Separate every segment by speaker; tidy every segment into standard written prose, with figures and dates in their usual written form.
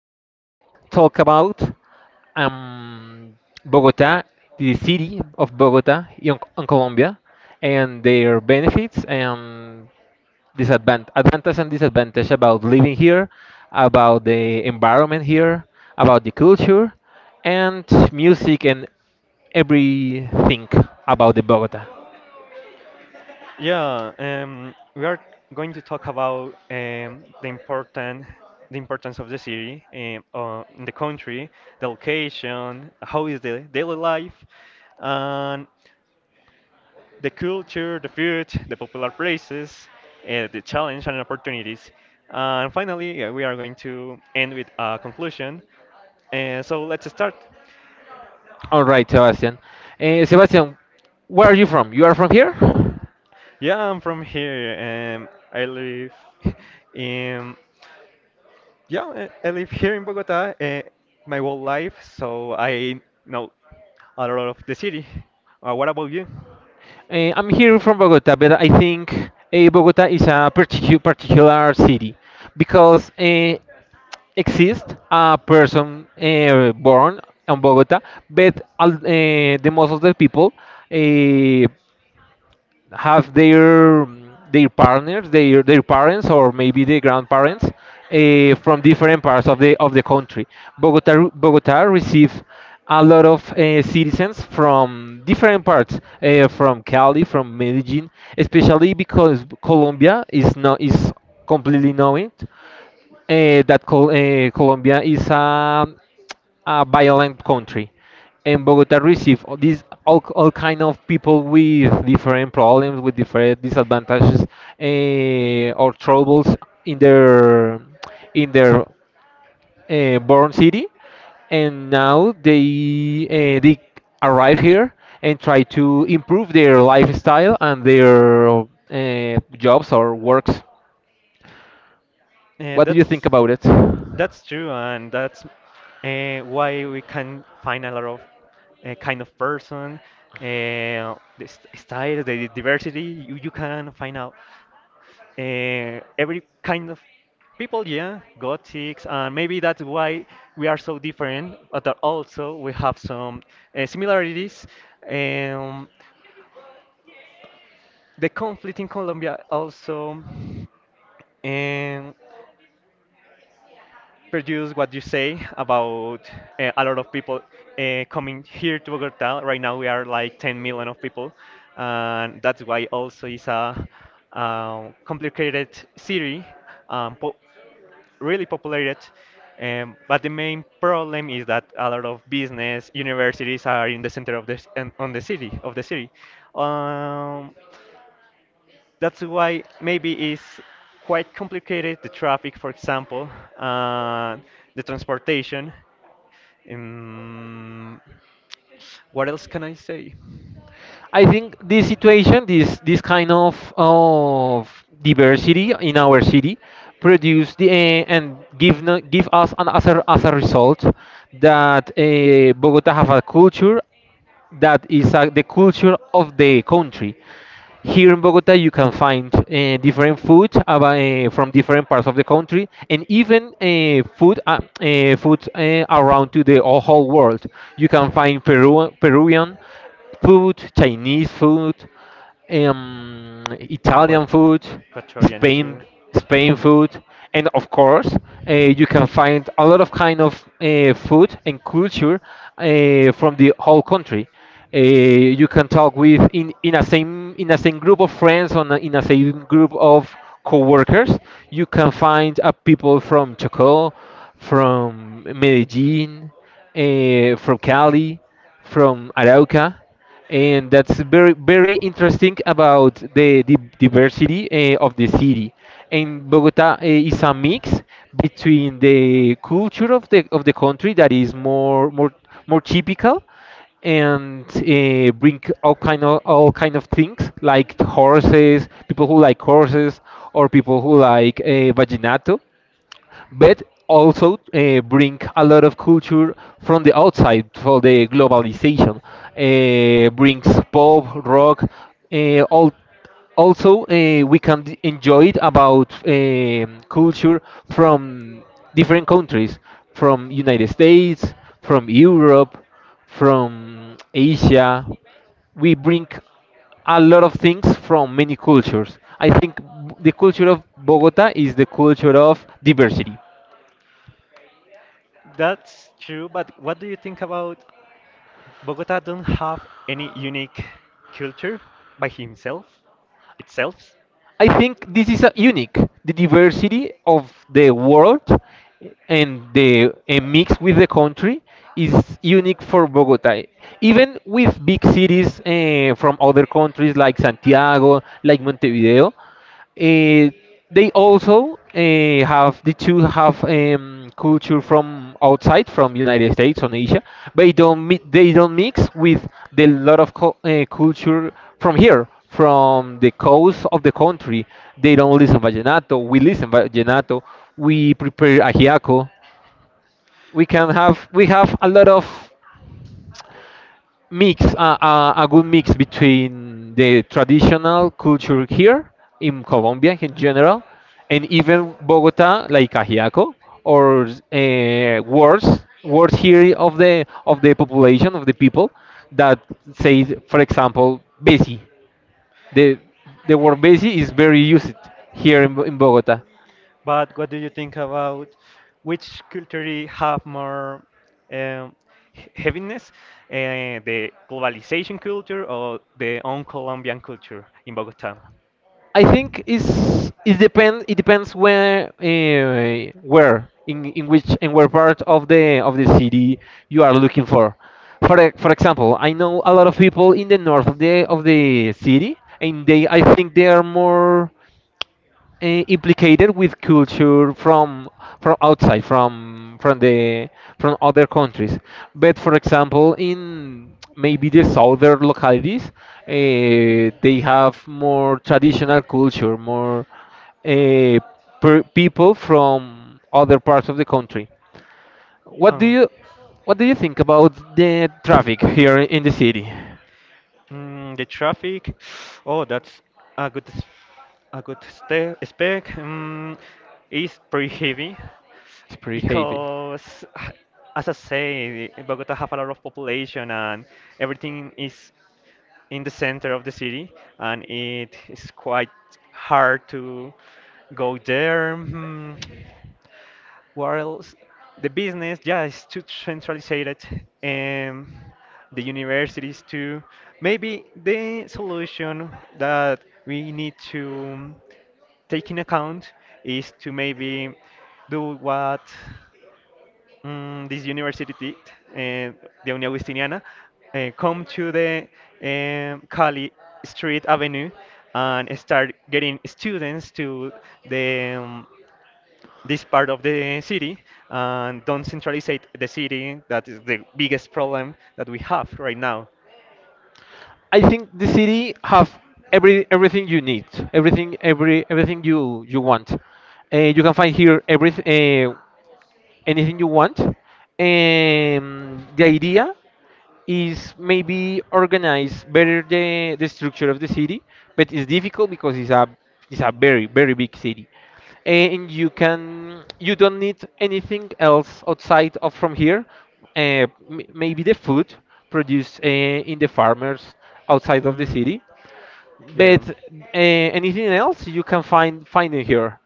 Speaker 1: going to talk about um, Bogota, the city of Bogota in Colombia, and their benefits and disadvantage, advantage and disadvantage about living here, about the environment here, about the culture, and music and everything about the Bogota.
Speaker 2: yeah. We are going to talk about the important, the importance of the city in the country, the location, how is the daily life, and the culture, the food, the popular places, the challenge and opportunities. And finally, we are going to end with a conclusion. So let's start.
Speaker 1: All right, Sebastian. Sebastian, where are you from? You are from here?
Speaker 2: Yeah, I'm from here. I live in Yeah, I live here in Bogota my whole life, so I know a lot of the city. What about you?
Speaker 1: I'm here from Bogota, but I think Bogota is a particular city because exists a person born in Bogota, but the most of the people uh, have their their partners, their parents, or maybe their grandparents from different parts of the country. Bogota receive a lot of citizens from different parts, from Cali, from Medellin, especially because Colombia is not is completely knowing that Colombia is a violent country, and Bogota received all kind of people with different problems, with different disadvantages or troubles in their in their born city, and now they arrive here and try to improve their lifestyle and their jobs or works.
Speaker 2: Uh,
Speaker 1: What do you think
Speaker 2: that's
Speaker 1: about it?
Speaker 2: that's true, and that's why we can find a lot of kind of person, the styles, the diversity. You can find out every kind of people, yeah, gothics, and maybe that's why we are so different, but that also we have some similarities. Um, the conflict in Colombia also um, produced what you say about a lot of people coming here to Bogota. Right now we are like 10 million of people, and that's why also it's a complicated city. Um, po- Really populated. But the main problem is that a lot of business universities are in the center of the s- and on the city of the city. Um, that's why maybe it's quite complicated the traffic, for example, uh, the transportation. Um, what else can I say?
Speaker 1: I think this situation, this kind of diversity in our city, produce the and give give us as a result that Bogota have a culture that is the culture of the country. Here in Bogota, you can find different food from different parts of the country, and even food food around to the whole world. You can find Peruvian food, Chinese food, Italian
Speaker 2: Equat-
Speaker 1: food,
Speaker 2: Equatorian too.
Speaker 1: Spain Spain
Speaker 2: Hmm.
Speaker 1: food, and of course you can find a lot of kind of food and culture from the whole country. You can talk in a same group of friends in a same group of co-workers. You can find people from Chocó, from Medellin, from Cali, from Arauca, and that's very interesting about the diversity of the city. And Bogota is a mix between the culture of the country that is more typical, and bring all kind of things like horses, people who like horses, or people who like vaginato, but also bring a lot of culture from the outside for the globalization. Brings pop, rock, all. Also, we can enjoy it about culture from different countries, from United States, from Europe, from Asia. We bring a lot of things from many cultures. I think the culture of Bogota is the culture of diversity.
Speaker 2: That's true, but what do you think about? Bogota don't have any unique culture by himself itself.
Speaker 1: I think this is unique. The diversity of the world and the a mix with the country is unique for Bogota. Even with big cities from other countries like Santiago, like Montevideo, Eh, they also have the two have culture from outside, from United States and Asia, but they don't mix with the lot of culture from here, from the coast of the country. They don't listen vallenato. We listen vallenato. We prepare ajiaco. We have a lot of mix, a good mix between the traditional culture here in Colombia in general, and even Bogota like Ajiaco, or words here of the population of the people that say, for example, besi. the the word besi is very used here in Bogota.
Speaker 2: But what do you think about which culture have more um, heaviness, the globalization culture or the own Colombian culture in Bogota?
Speaker 1: I think is it depends where in which and where part of the city you are looking for. For for example, I know a lot of people in the north of the city, and they I think they are more implicated with culture from outside, from the from other countries, but for example in maybe the southern localities, they have more traditional culture, more uh, per people from other parts of the country. what do
Speaker 2: Um,
Speaker 1: you what do you think about the traffic here in the city?
Speaker 2: mm, the traffic. Oh, that's a good s- a good spec. Is pretty heavy,
Speaker 1: It's pretty heavy.
Speaker 2: because as I say, Bogota have a lot of population and everything is in the center of the city, and it is quite hard to go there. Hmm, what else? The business, yeah, is too centralized, and the universities too. Maybe the solution that we need to take in account is to maybe do what this university, uh, the Unión Agustiniana, come to the Cali Street Avenue and start getting students to the this part of the city and don't centralize the city. That is the biggest problem that we have right now.
Speaker 1: I think the city have everything you need, everything you want. You can find here every anything you want. The idea is maybe organize better the structure of the city, but it's difficult because it's a very big city, and you don't need anything else outside of from here. Maybe the food produced in the farmers outside of the
Speaker 2: Mm,
Speaker 1: city,
Speaker 2: yeah,
Speaker 1: but anything else you can find in here.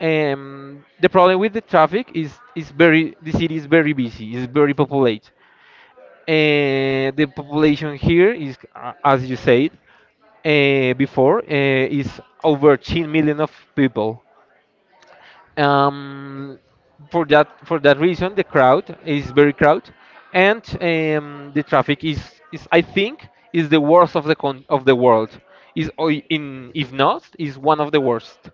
Speaker 1: The problem with the traffic is very the city is very busy, is very populated, the population here is, as you said before, is over 10 million of people. Um, for that reason, the crowd is very crowd, and the traffic is, I think, is the worst of the of the world. Is, or I- in if not, is one of the worst.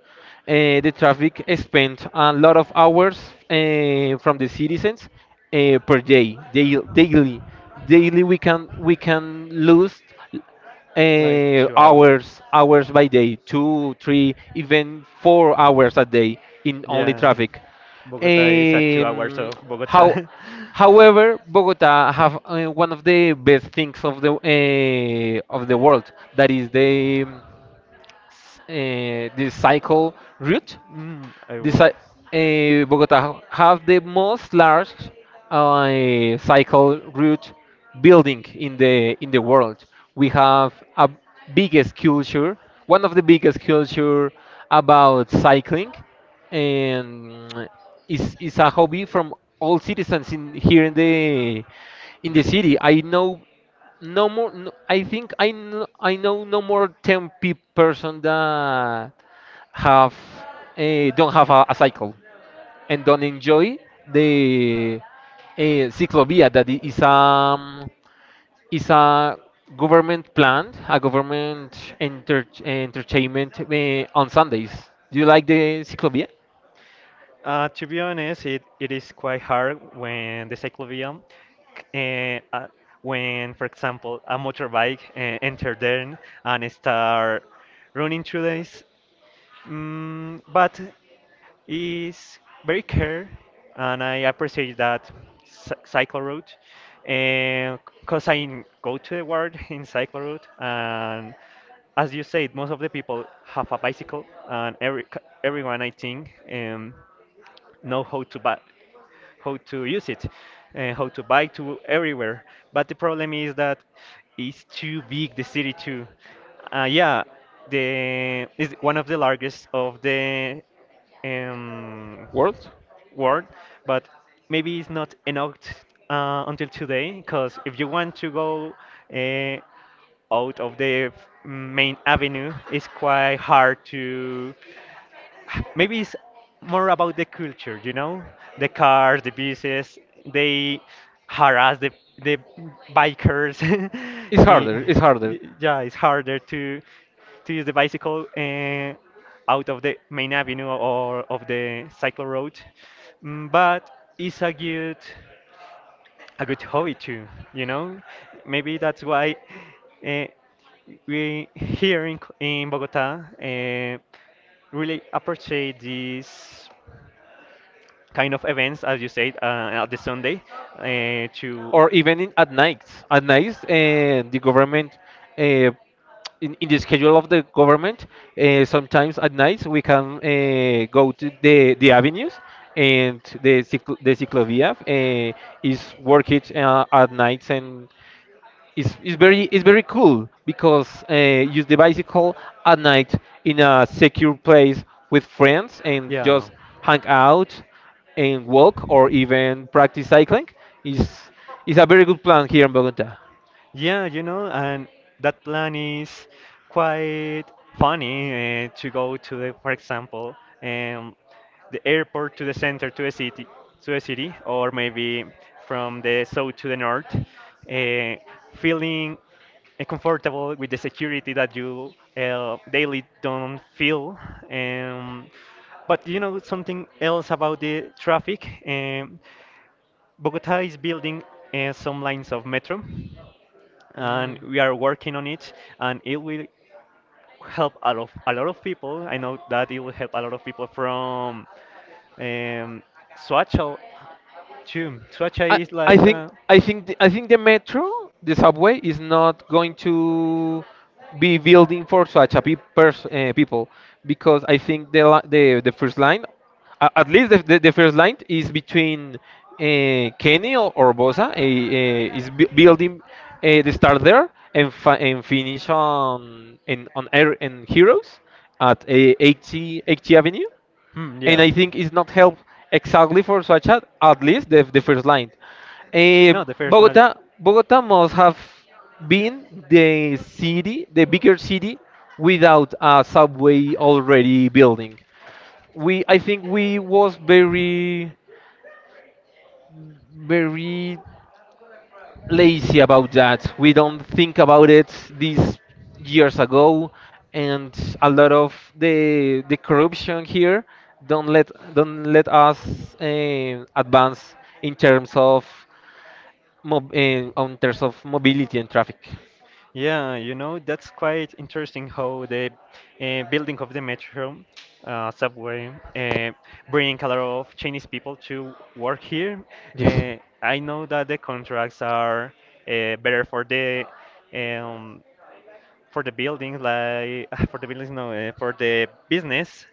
Speaker 1: The traffic spent a lot of hours from the citizens per day, daily. Daily we can lose
Speaker 2: like 2 hours.
Speaker 1: hours by day, 2, 3 even 4 hours a day in only
Speaker 2: Yeah,
Speaker 1: traffic.
Speaker 2: Bogota is at 2 hours
Speaker 1: um,
Speaker 2: of
Speaker 1: how
Speaker 2: Bogota.
Speaker 1: However, bogota have one of the best things of the world, that is the the cycle route.
Speaker 2: Mm, I
Speaker 1: this,
Speaker 2: was
Speaker 1: uh, Bogota have the most large cycle route building in the world. We have a biggest culture, one of the biggest culture about cycling, and is a hobby from all citizens in here
Speaker 2: in
Speaker 1: in
Speaker 2: the
Speaker 1: the
Speaker 2: city.
Speaker 1: city. I know no more. No, I think I know no more ten pe person that have don't have a cycle and don't enjoy the uh, Ciclovia that is a government plan, a government entertainment on Sundays. Do you like the Ciclovia
Speaker 2: To be honest, it is quite hard when the cyclovium, uh, uh, when, for example, a motorbike enter there and start running through this. Mm, but it's very care, and I appreciate that cycle route, and because I go to the world in cycle route, and as you said, most of the people have a bicycle, and every everyone I think. Know how to buy, how to use it, and how to buy to everywhere. But the problem is that it's too big the city too. Yeah, the is one of the largest of the um,
Speaker 1: world?
Speaker 2: world, but maybe it's not enough until today. Because if you want to go uh, out of the main avenue, it's quite hard to maybe it's more about the culture, the cars, the buses, they harass the bikers.
Speaker 1: It's
Speaker 2: Y-
Speaker 1: harder. It's harder.
Speaker 2: yeah, it's harder to use the bicycle out of the main avenue or of the cycle road. Mm, but it's a good hobby too, you know. Maybe that's why Uh, we here in, in Bogota really appreciate this kind of events, as you said, at the Sunday uh, to,
Speaker 1: Or even at night. At night, the government, uh, in the schedule of the government, sometimes at night we can go to the avenues, and the the ciclovia is working at nights, and it's very cool because use the bicycle at night in a secure place with friends and
Speaker 2: yeah.
Speaker 1: just hang out and walk or even practice cycling is is a very good plan here in Bogota.
Speaker 2: Yeah, you know, and that plan is quite funny to go to the, for example, um, the airport to the center to the city, or maybe from the south to the north, uh, feeling comfortable with the security that you daily don't feel. Um, but you know something else about the traffic. Bogota is building some lines of metro and
Speaker 1: Mm.
Speaker 2: we are working on it and it will help a lot of people I know that it will help a lot of people from um, Soacha too.
Speaker 1: I,
Speaker 2: Soacha is
Speaker 1: I
Speaker 2: like
Speaker 1: think I think the metro, the subway, is not going to be building for such a people, because I think the li- the first line, at least the first line, is between Kenny or Bosa, is bu building, the start there and finish on in on air in Heroes at 80 80 Avenue,
Speaker 2: hmm,
Speaker 1: and
Speaker 2: yeah
Speaker 1: I think it's not help exactly for Soacha, at least the first line. Eh,
Speaker 2: no the personal
Speaker 1: Bogota, Bogota must have been the city, the bigger city, without a subway already building. I think, we was very lazy about that. We don't think about it these years ago, and a lot of the corruption here don't let us advance in terms of mob, eh, on terms of mobility and traffic.
Speaker 2: yeah you know that's quite interesting how the building of the metro subway uh, bring a lot of Chinese people to work here
Speaker 1: Yes.
Speaker 2: uh, I know that the contracts are better um, for the building, like for the buildings, no, for the business.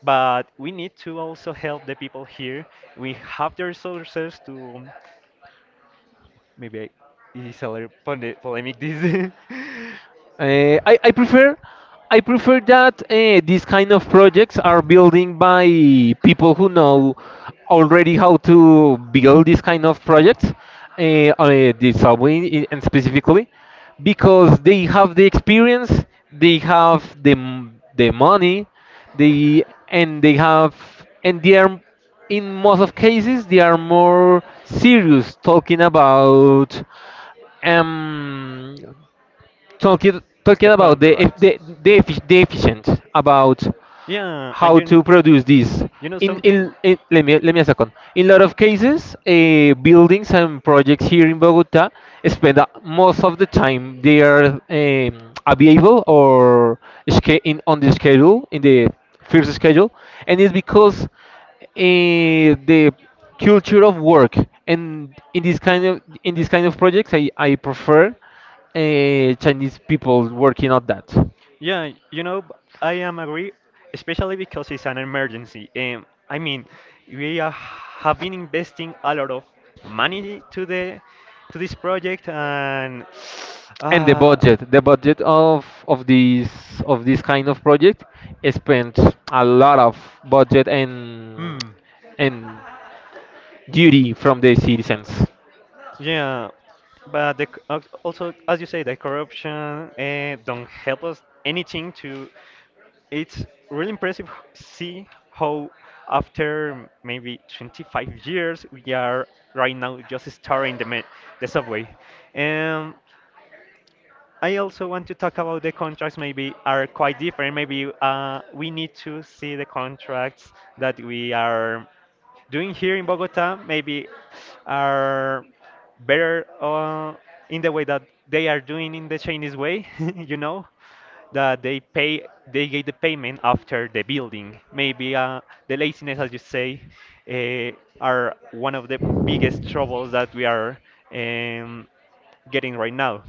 Speaker 2: But we need to also help the people here. We have the resources to maybe it's a little polemic this
Speaker 1: I prefer that these kind of projects are building by people who know already how to build these kind of projects, uh, the subway and specifically, because they have the experience, they have the money, they and they have and they are in most of cases they are more serious talking about um talking
Speaker 2: the
Speaker 1: about
Speaker 2: contracts.
Speaker 1: the efficient about
Speaker 2: Yeah, and
Speaker 1: how
Speaker 2: you
Speaker 1: to produce these.
Speaker 2: you know something?
Speaker 1: In let me a second. In a lot of cases, buildings and projects here in Bogota spend most of the time they are available or sche- in on the schedule in the first schedule, and it's because the culture of work, and in this kind of in this kind of projects, I prefer Chinese people working on that.
Speaker 2: Yeah, you know, b- I am agree, especially because it's an emergency. I mean, we are, have been investing a lot of money to the to this project, and
Speaker 1: And the
Speaker 2: uh,
Speaker 1: budget of this kind of project spends a lot of budget
Speaker 2: hmm,
Speaker 1: and duty from the citizens.
Speaker 2: yeah, but the, also as you say, the corruption don't help us anything to it's really impressive see how after maybe 25 years we are right now just starting the the subway and I also want to talk about the contracts maybe are quite different maybe we need to see the contracts that we are doing here in Bogota maybe are better in the way that they are doing in the Chinese way, you know, that they pay, they get the payment after the building. Maybe the laziness, as you say, are one of the biggest troubles that we are um, getting right now.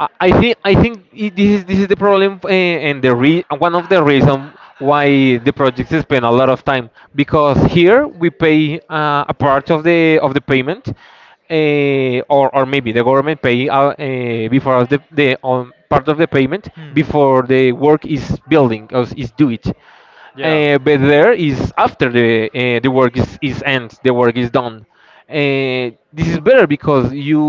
Speaker 1: I think this is the problem and the re one of the reason why the projects spend a lot of time, because here we pay a part of the payment, or maybe the government pay before us the part of the payment
Speaker 2: Hmm.
Speaker 1: before the work is building or is do it.
Speaker 2: Yeah.
Speaker 1: But there is after the the work is end, the work is done. This is better because you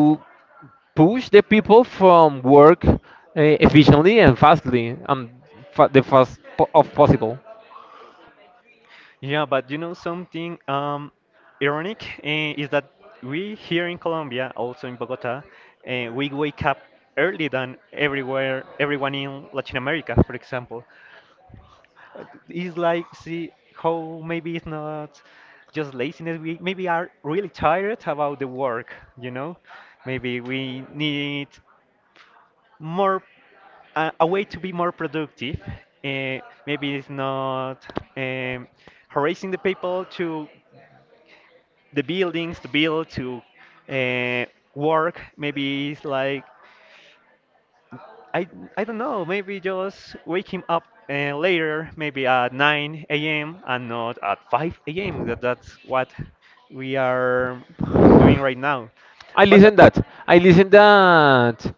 Speaker 1: push the people from work efficiently and fastly the fast of possible.
Speaker 2: Yeah, but you know something ironic eh, is that we here in Colombia, also in Bogota, eh, we wake up early than everywhere, everyone in Latin America, for example. It's like, see how maybe it's not just laziness. We maybe are really tired about the work, you know? Maybe we need more a way to be more productive. Uh, maybe it's not um, harassing the people to the buildings to build to uh, work. Maybe it's like I I don't know. Maybe just wake him up later, maybe at 9 a.m. and not at 5 a.m. That that's what we are doing right now.
Speaker 1: I
Speaker 2: But
Speaker 1: listen that. I listen that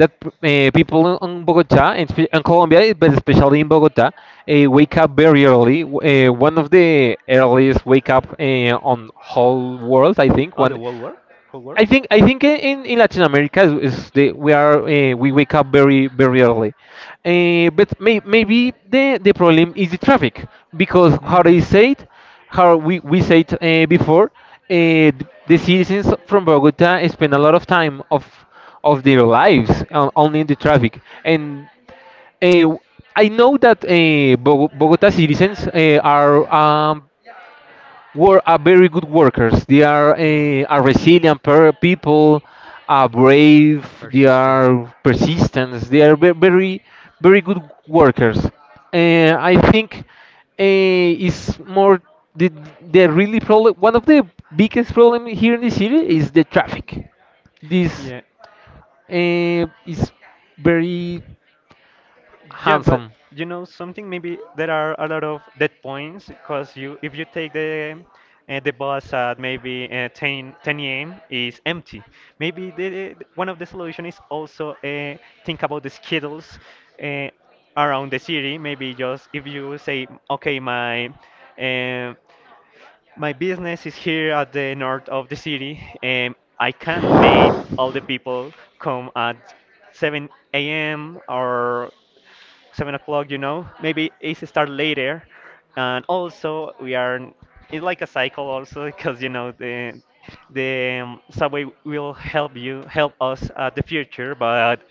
Speaker 1: that people in Bogota and in Colombia, eh, but especially in Bogota, wake up very early. One of the earliest wake up on whole world, I think.
Speaker 2: oh,
Speaker 1: One
Speaker 2: the whole world, whole world.
Speaker 1: I think in Latin America is the we are we wake up very early, but maybe the problem is the traffic because how they
Speaker 2: Hmm.
Speaker 1: say it, how we said before, uh, the citizens from Bogota spend a lot of time of their lives on, only in the traffic and uh, I know that Bogota citizens are are very good workers. They are
Speaker 2: Hmm.
Speaker 1: are resilient people, are brave. They
Speaker 2: Persistent.
Speaker 1: are persistent. They are very very good workers. I think it's more the the really problem. One of the biggest problem here in the city is the traffic. This
Speaker 2: Yeah.
Speaker 1: is very
Speaker 2: Yeah, but
Speaker 1: handsome.
Speaker 2: you know something. Maybe there are a lot of dead points because you, if you take the the bus at maybe 10 a.m. is empty. Maybe the, one of the solution is also think about the schedules uh, around the city. Maybe just if you say, okay, my uh, my business is here at the north of the city, and I can make all the people come at 7 a.m. or 7 o'clock, you know. Maybe it's start later, and also we are. It's like a cycle also because you know the subway will help you help us at the future, but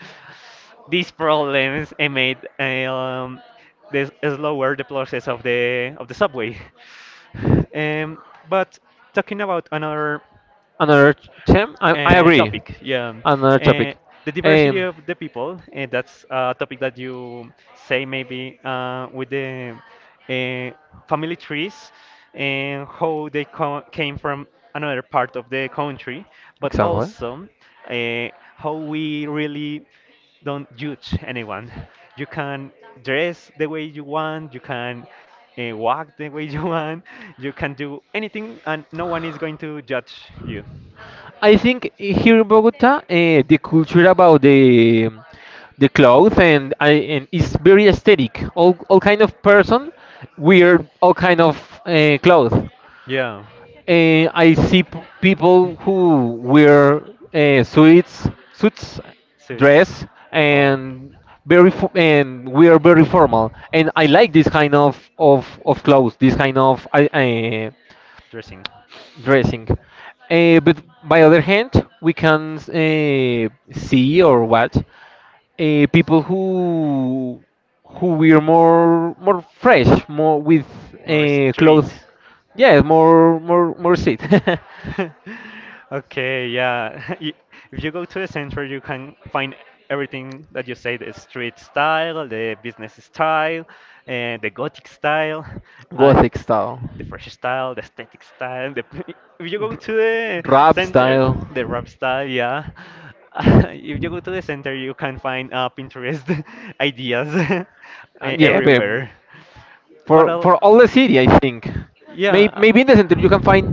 Speaker 2: these problems eh, made eh, this slower the process of the subway. Um, but talking about another
Speaker 1: Another term. I agree.
Speaker 2: topic. Yeah,
Speaker 1: Another
Speaker 2: uh,
Speaker 1: topic.
Speaker 2: the diversity
Speaker 1: Um,
Speaker 2: of the people, and that's a topic that you say maybe with the uh, family trees and how they came from another part of the country, but
Speaker 1: exactly.
Speaker 2: also uh, how we really don't judge anyone. You can dress the way you want. You can walk the way you want. You can do anything, and no one is going to judge you.
Speaker 1: I think here in Bogota, the culture about the clothes and I and is very aesthetic. All kind of person wear all kind of clothes.
Speaker 2: Yeah.
Speaker 1: I see people who wear suits, suits,
Speaker 2: Suits.
Speaker 1: dress,
Speaker 2: Oh,
Speaker 1: and and wear very formal. And I like this kind of of clothes, this kind of
Speaker 2: dressing.
Speaker 1: dressing. But by other hand, we can see or watch people who wear more fresh, more with
Speaker 2: More
Speaker 1: clothes.
Speaker 2: street.
Speaker 1: Yeah, more shit.
Speaker 2: Okay, yeah. If you go to the center, you can find everything that you say, the street style, the business style, and the gothic style, and
Speaker 1: Gothic style,
Speaker 2: the fresh style, the aesthetic style. The if you go
Speaker 1: R-
Speaker 2: to the
Speaker 1: rap
Speaker 2: center,
Speaker 1: style.
Speaker 2: the rap style, yeah. If you go to the center, you can find Pinterest ideas eh,
Speaker 1: Yeah, but
Speaker 2: everywhere. But
Speaker 1: for
Speaker 2: I'll-
Speaker 1: for all the city, I think. May,
Speaker 2: Yeah,
Speaker 1: maybe in the center you can find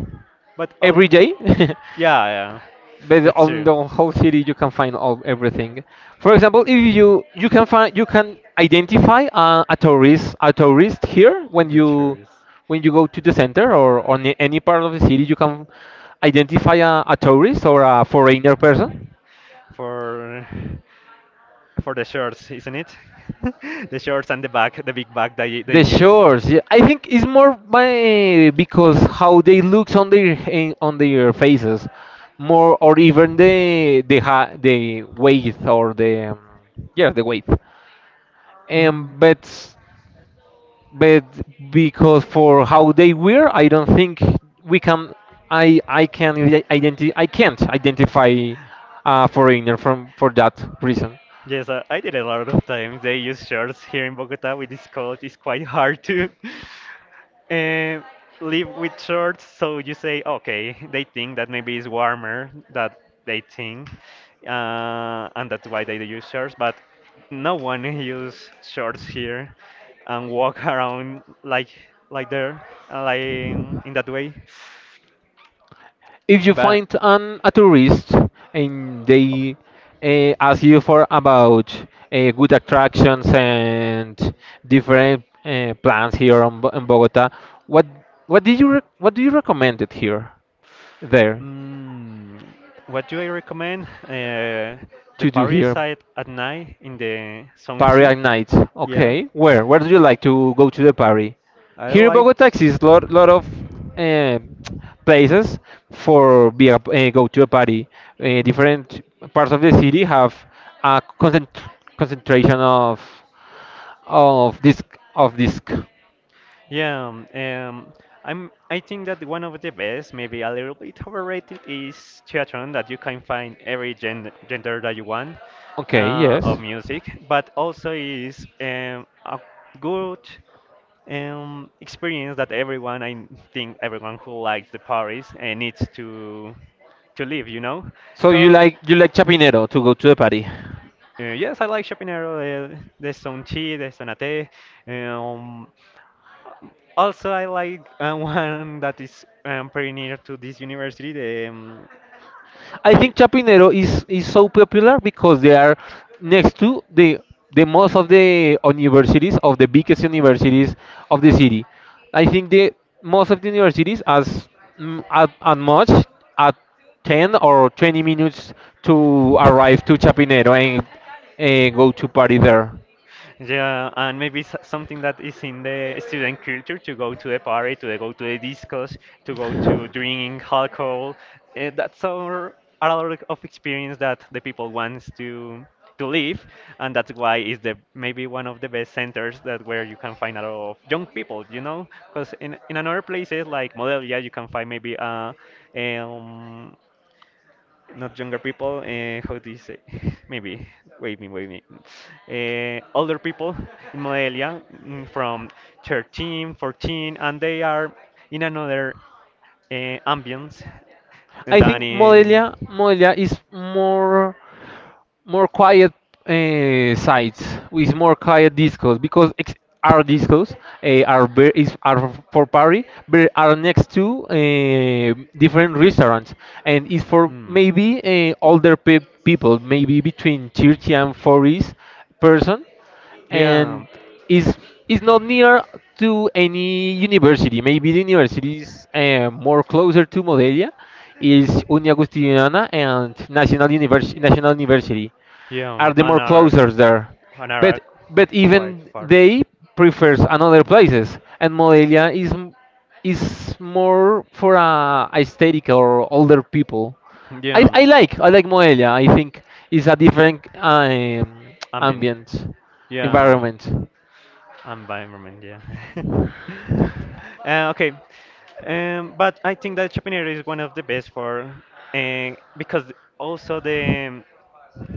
Speaker 2: but oh,
Speaker 1: every day,
Speaker 2: yeah,
Speaker 1: based
Speaker 2: that's
Speaker 1: on
Speaker 2: true.
Speaker 1: the whole city you can find all everything for example if you can find you can identify a tourist a tourist here
Speaker 2: The truth
Speaker 1: when you go to the center or on any part of the city you can identify a tourist or a foreigner person.
Speaker 2: for for the shorts, isn't it? The shorts and the bag, the big bag that they
Speaker 1: The
Speaker 2: use.
Speaker 1: shores, yeah, I think it's more by because how they looks on their on their faces more, or even the the weight or the yeah the weight, um,
Speaker 2: Mm.
Speaker 1: but but because for how they were, I don't think we can. I can identify. I can't identify a foreigner from for that reason.
Speaker 2: Yes, I did a lot of times. They use shorts here in Bogota with this cold. It's quite hard to uh, live with shorts. So you say, okay, they think that maybe it's warmer that they think, and that's why they use shorts. But no one use shorts here and walk around like there, like in that way.
Speaker 1: If you
Speaker 2: But
Speaker 1: find an a tourist and they ask you for about good attractions and different plans here in Bogota, what what did what do you recommend it here there
Speaker 2: mm, what do I recommend? The
Speaker 1: to do
Speaker 2: Paris
Speaker 1: here?
Speaker 2: side at night in the
Speaker 1: Party
Speaker 2: Songqi.
Speaker 1: at night.
Speaker 2: Yeah,
Speaker 1: Okay. Where? Where do you like to go to the party?
Speaker 2: I
Speaker 1: Here in Bogota
Speaker 2: liked.
Speaker 1: exists lot of eh, places for be a, eh, go to a party. Eh,
Speaker 2: Hmm.
Speaker 1: different parts of the city have a concentration of of disc of disc.
Speaker 2: Yeah, I'm. I think that one of the best, maybe a little bit overrated, is Chiatron, that you can find every gender that you want
Speaker 1: Okay. Yes.
Speaker 2: of music, but also is a good, experience that everyone, I think everyone who likes the Paris and needs to live, you know?
Speaker 1: So you
Speaker 2: Cause
Speaker 1: like Chapinero to go to the party?
Speaker 2: yes, I like Chapinero, the Sonchi, the Sonate. Um, Also, I like one that is pretty near to this university, the
Speaker 1: I think
Speaker 2: I-
Speaker 1: Chapinero is so popular because they are next to the most of the universities of the biggest
Speaker 2: hmm,
Speaker 1: universities of the city. I think the most of the universities as mm, at much at 10 or 20 minutes to arrive to Chapinero and go to party there.
Speaker 2: yeah, and maybe something that is in the student culture, to go to the party, to go to the discos, to go to drinking alcohol. That's our, a lot of experience that the people wants to live, and that's why it's the maybe one of the best centers that where you can find a lot of young people, you know, because in another places like Modelia, you can find maybe um, not younger people. How do you say? Maybe wait me. Older people in Modelia, from 13, 14, and they are in another ambience
Speaker 1: I think
Speaker 2: than in.
Speaker 1: Modelia is more more quiet sites with more quiet discos because our discos are ver- is are for party but are next to different restaurants and is for
Speaker 2: Mm,
Speaker 1: maybe people maybe between 30 and 40 person
Speaker 2: yeah,
Speaker 1: and is is not near to any university. Maybe the university is more closer to Modelia, is Uni Agustiniana and National University. National University are
Speaker 2: yeah,
Speaker 1: the more closer there.
Speaker 2: and are
Speaker 1: But but
Speaker 2: quite
Speaker 1: even
Speaker 2: far.
Speaker 1: they prefers another places, and Modelia is more for a aesthetic or older people.
Speaker 2: Yeah,
Speaker 1: I like Modelia. I think it's a different um,
Speaker 2: ambient.
Speaker 1: ambient
Speaker 2: Yeah.
Speaker 1: environment.
Speaker 2: Environment, yeah. Okay, but I think that Chapinero is one of the best for, uh, because also the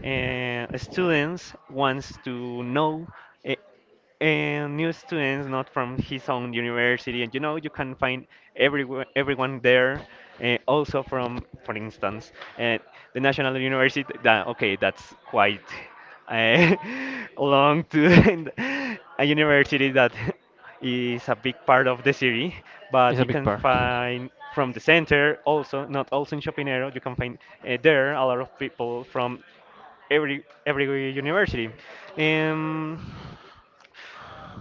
Speaker 2: students wants to know uh, new students, not from his own university, and you know you can find everyone there, also from, for instance, uh, the national university, that okay that's quite uh, long to a university that is a big part of the city, but
Speaker 1: It's a
Speaker 2: you
Speaker 1: big
Speaker 2: can
Speaker 1: part.
Speaker 2: find from the center, also not also in Chapinero you can find there a lot of people from every university. Um,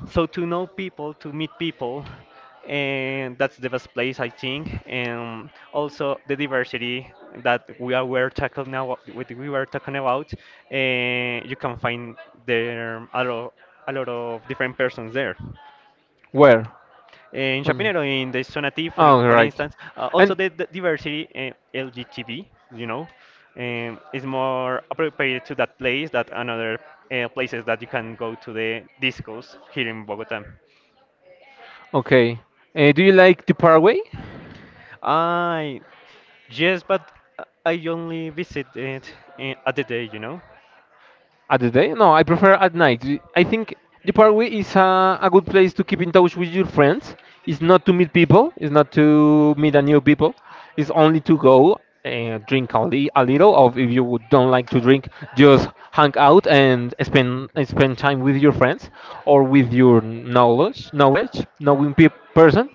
Speaker 2: so to know people, to meet people, and that's the best place I think. And also the diversity that we are were talking now, what we were talking about, you can find there a lot of different persons there
Speaker 1: Where?
Speaker 2: in
Speaker 1: On,
Speaker 2: Chapinero, in the Zona T, for,
Speaker 1: oh
Speaker 2: for
Speaker 1: right.
Speaker 2: instance, also
Speaker 1: And
Speaker 2: the diversity, LGBT, you know, is more appropriate to that place than another places that you can go to the discos here in Bogota.
Speaker 1: okay. Do you like to Paraguay?
Speaker 2: I yes, but I only visit it at the day, you know.
Speaker 1: At the day? No, I prefer at night. I think the parkway is a good place to keep in touch with your friends. It's not to meet people, it's not to meet a new people. It's only to go and drink a little, or if you would- don't like to drink, just hang out
Speaker 2: Okay.
Speaker 1: and spend time with your friends or with your knowledge, knowledge, knowing peop person.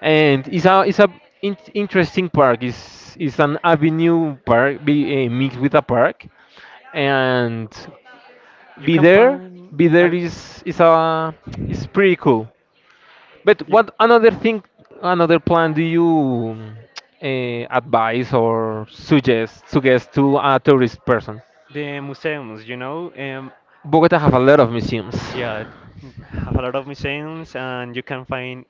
Speaker 1: And it's a interesting park. It's an avenue park, be, mixed with a park and
Speaker 2: You
Speaker 1: be
Speaker 2: can
Speaker 1: there
Speaker 2: find
Speaker 1: be there
Speaker 2: a,
Speaker 1: is a is pretty cool but
Speaker 2: you,
Speaker 1: what another thing another plan do you advise or suggest suggest to a tourist person.
Speaker 2: the museums, you know.
Speaker 1: Bogota have a lot of museums.
Speaker 2: Yeah, have a lot of museums, and you can find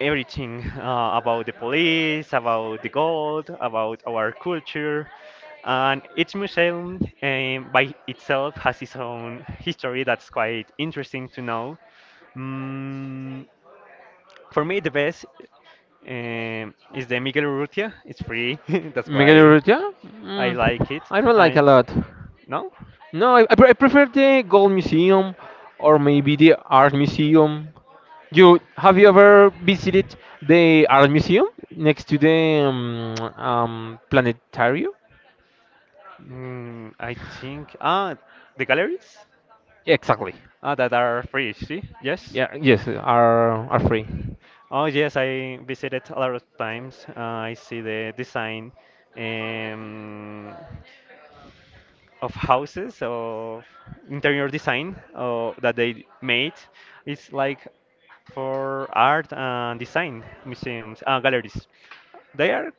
Speaker 2: everything about the police, about the gold, about our culture. And each museum, by itself, has its own history that's quite interesting to know. Mm, for me, the best is the Miguel Urrutia. It's free, that's
Speaker 1: Miguel
Speaker 2: why
Speaker 1: Urrutia, mm,
Speaker 2: I like it.
Speaker 1: I don't like a
Speaker 2: I
Speaker 1: lot.
Speaker 2: no,
Speaker 1: No I prefer the gold museum or maybe the art museum. You have you ever visited the art museum next to the planetarium?
Speaker 2: I think ah the galleries
Speaker 1: Exactly.
Speaker 2: ah that are free. See, yes.
Speaker 1: Yeah. Yes. Are free.
Speaker 2: Oh yes, I visited a lot of times. I see the design, um, of houses, of interior design that they made. It's like for art and design museums and galleries. They are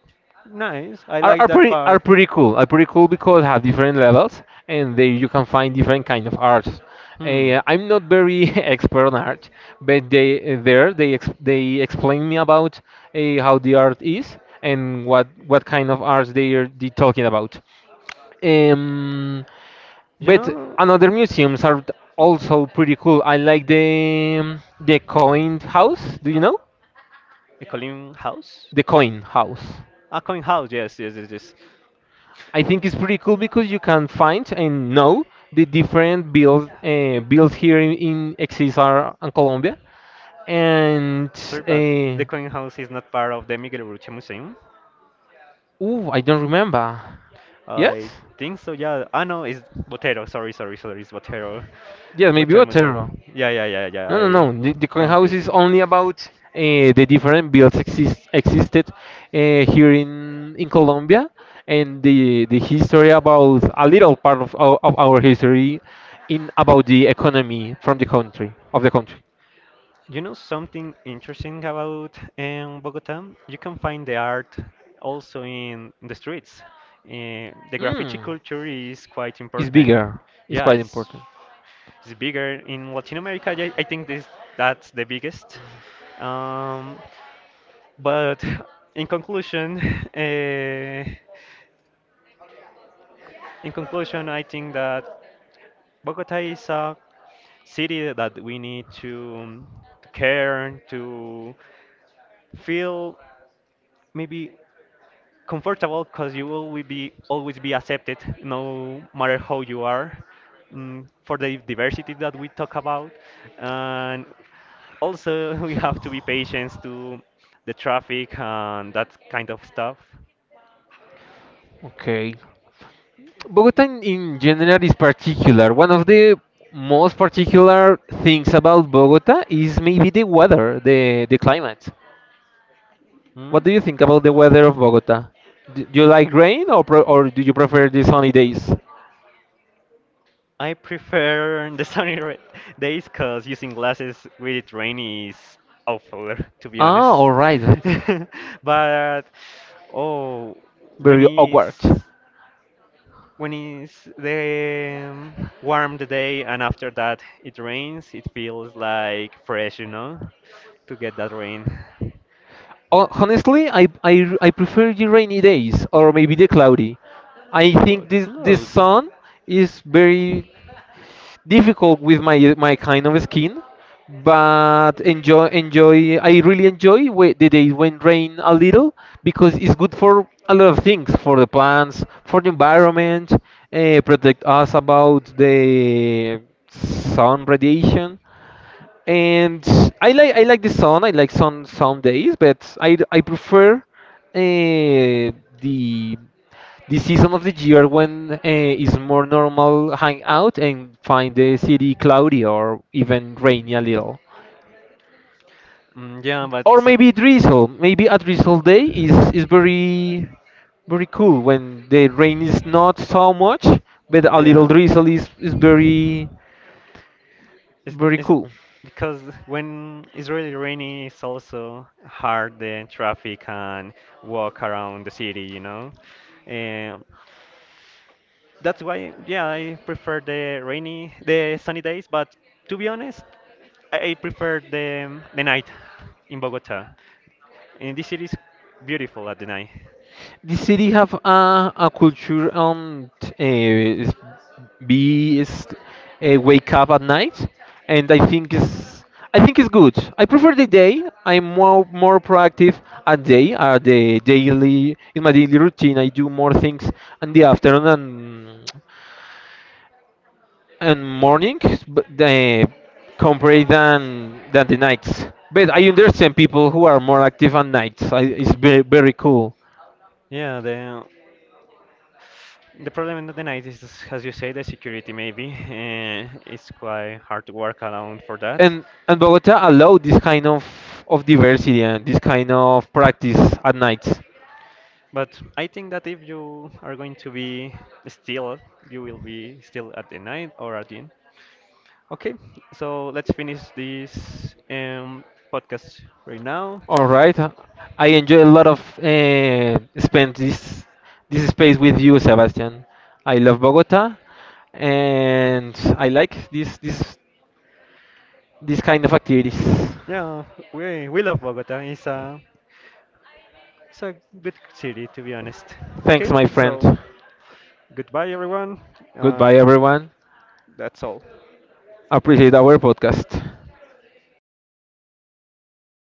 Speaker 2: nice. I like that
Speaker 1: Are
Speaker 2: part.
Speaker 1: pretty cool. Are pretty cool because have different levels and they you can find different kind of arts.
Speaker 2: Hmm.
Speaker 1: Eh, I'm not very expert on art, but they there they explain me about how the art is and what kind of arts they are they talking about. Um,
Speaker 2: You
Speaker 1: but
Speaker 2: know,
Speaker 1: another museums are also pretty cool. I like the coin house. Do you know
Speaker 2: a Colin House?
Speaker 1: the coin house?
Speaker 2: A coin house, yes, yes, yes, yes.
Speaker 1: I think it's pretty cool because you can find and know the different builds here in XSR and Colombia. And
Speaker 2: Sorry, but the
Speaker 1: uh,
Speaker 2: coin house is not part of the Miguel Urrutia Museum.
Speaker 1: ooh, I don't remember. Yes,
Speaker 2: I think so, yeah. Ah, no, it's Botero. Sorry, sorry, sorry. It's Botero.
Speaker 1: yeah, maybe
Speaker 2: Botero
Speaker 1: Otero.
Speaker 2: Museum. Yeah, yeah, yeah, yeah.
Speaker 1: No, no,
Speaker 2: I
Speaker 1: no. The coin house
Speaker 2: confused it.
Speaker 1: is only about the different builds existed here in Colombia and the history about a little part of of our history in about the economy from the country of the country.
Speaker 2: You know something interesting about Bogota? You can find the art also in the streets. The graffiti
Speaker 1: Mm.
Speaker 2: culture is quite
Speaker 1: It's
Speaker 2: important.
Speaker 1: bigger. It's
Speaker 2: Yeah,
Speaker 1: quite important.
Speaker 2: it's bigger in Latin America. Yeah, I think this that's the biggest. Um, but in conclusion, uh, in conclusion, I think that Bogota is a city that we need to care, to feel maybe comfortable, because you will we be always be accepted no matter how you are, for the diversity that we talk about. And also, we have to be patient to the traffic and that kind of stuff.
Speaker 1: Okay. Bogota in general is particular. One of the most particular things about Bogota is maybe the weather, the climate.
Speaker 2: Mm?
Speaker 1: What do you think about the weather of Bogota? Do, do you like rain or do you prefer the sunny days?
Speaker 2: I prefer the sunny days, because using glasses with it rain is awful, to be
Speaker 1: Ah,
Speaker 2: honest.
Speaker 1: all right.
Speaker 2: But oh, when
Speaker 1: Very awkward.
Speaker 2: it's when it's the warm the day and after that it rains, it feels like fresh, you know, to get that rain. The
Speaker 1: Honestly, I prefer the rainy days or maybe the cloudy. I think this this
Speaker 2: cloudy.
Speaker 1: sun is very difficult with my my kind of skin, but enjoy enjoy. I really enjoy the days when rain a little, because it's good for a lot of things for the plants, for the environment, protect us about the sun radiation, and I like the sun. I like sun some days, but I prefer the the season of the year when it's more normal hang out and find the city cloudy or even rainy a little,
Speaker 2: Mm, yeah, but
Speaker 1: or
Speaker 2: so,
Speaker 1: maybe drizzle. Maybe a drizzle day is very very cool when the rain is not so much, but a little
Speaker 2: yeah.
Speaker 1: drizzle is very
Speaker 2: It's,
Speaker 1: very
Speaker 2: it's
Speaker 1: cool.
Speaker 2: because when it's really rainy, it's also hard the traffic and walk around the city, you know. And that's why, yeah, I prefer the rainy, the sunny days. But to be honest, I prefer the night in Bogota. And this city is beautiful at the night.
Speaker 1: The city have a culture and uh, be is wake up at night, and I think it's good. I prefer the day. I'm more more proactive at day. At the daily in my daily routine, I do more things in the afternoon and mornings, but the compared than the nights. But I understand people who are more active on nights. I, it's very very cool.
Speaker 2: Yeah, the problem at the night is, as you say, the security maybe. It's quite hard to work around for that.
Speaker 1: And Bogota allowed this kind of diversity and this kind of practice at nights.
Speaker 2: But I think that if you are going to be still, you will be still at the night or at the end. Okay, so let's finish this podcast right now.
Speaker 1: All right, I enjoy a lot of spend this this space with you, Sebastian. I love Bogota, and I like this kind of activities.
Speaker 2: Yeah, we love Bogota. It's a good city, to be honest.
Speaker 1: Thanks,
Speaker 2: Okay,
Speaker 1: my
Speaker 2: so
Speaker 1: friend.
Speaker 2: goodbye, everyone,
Speaker 1: Goodbye,
Speaker 2: and
Speaker 1: everyone.
Speaker 2: that's all.
Speaker 1: Appreciate our podcast.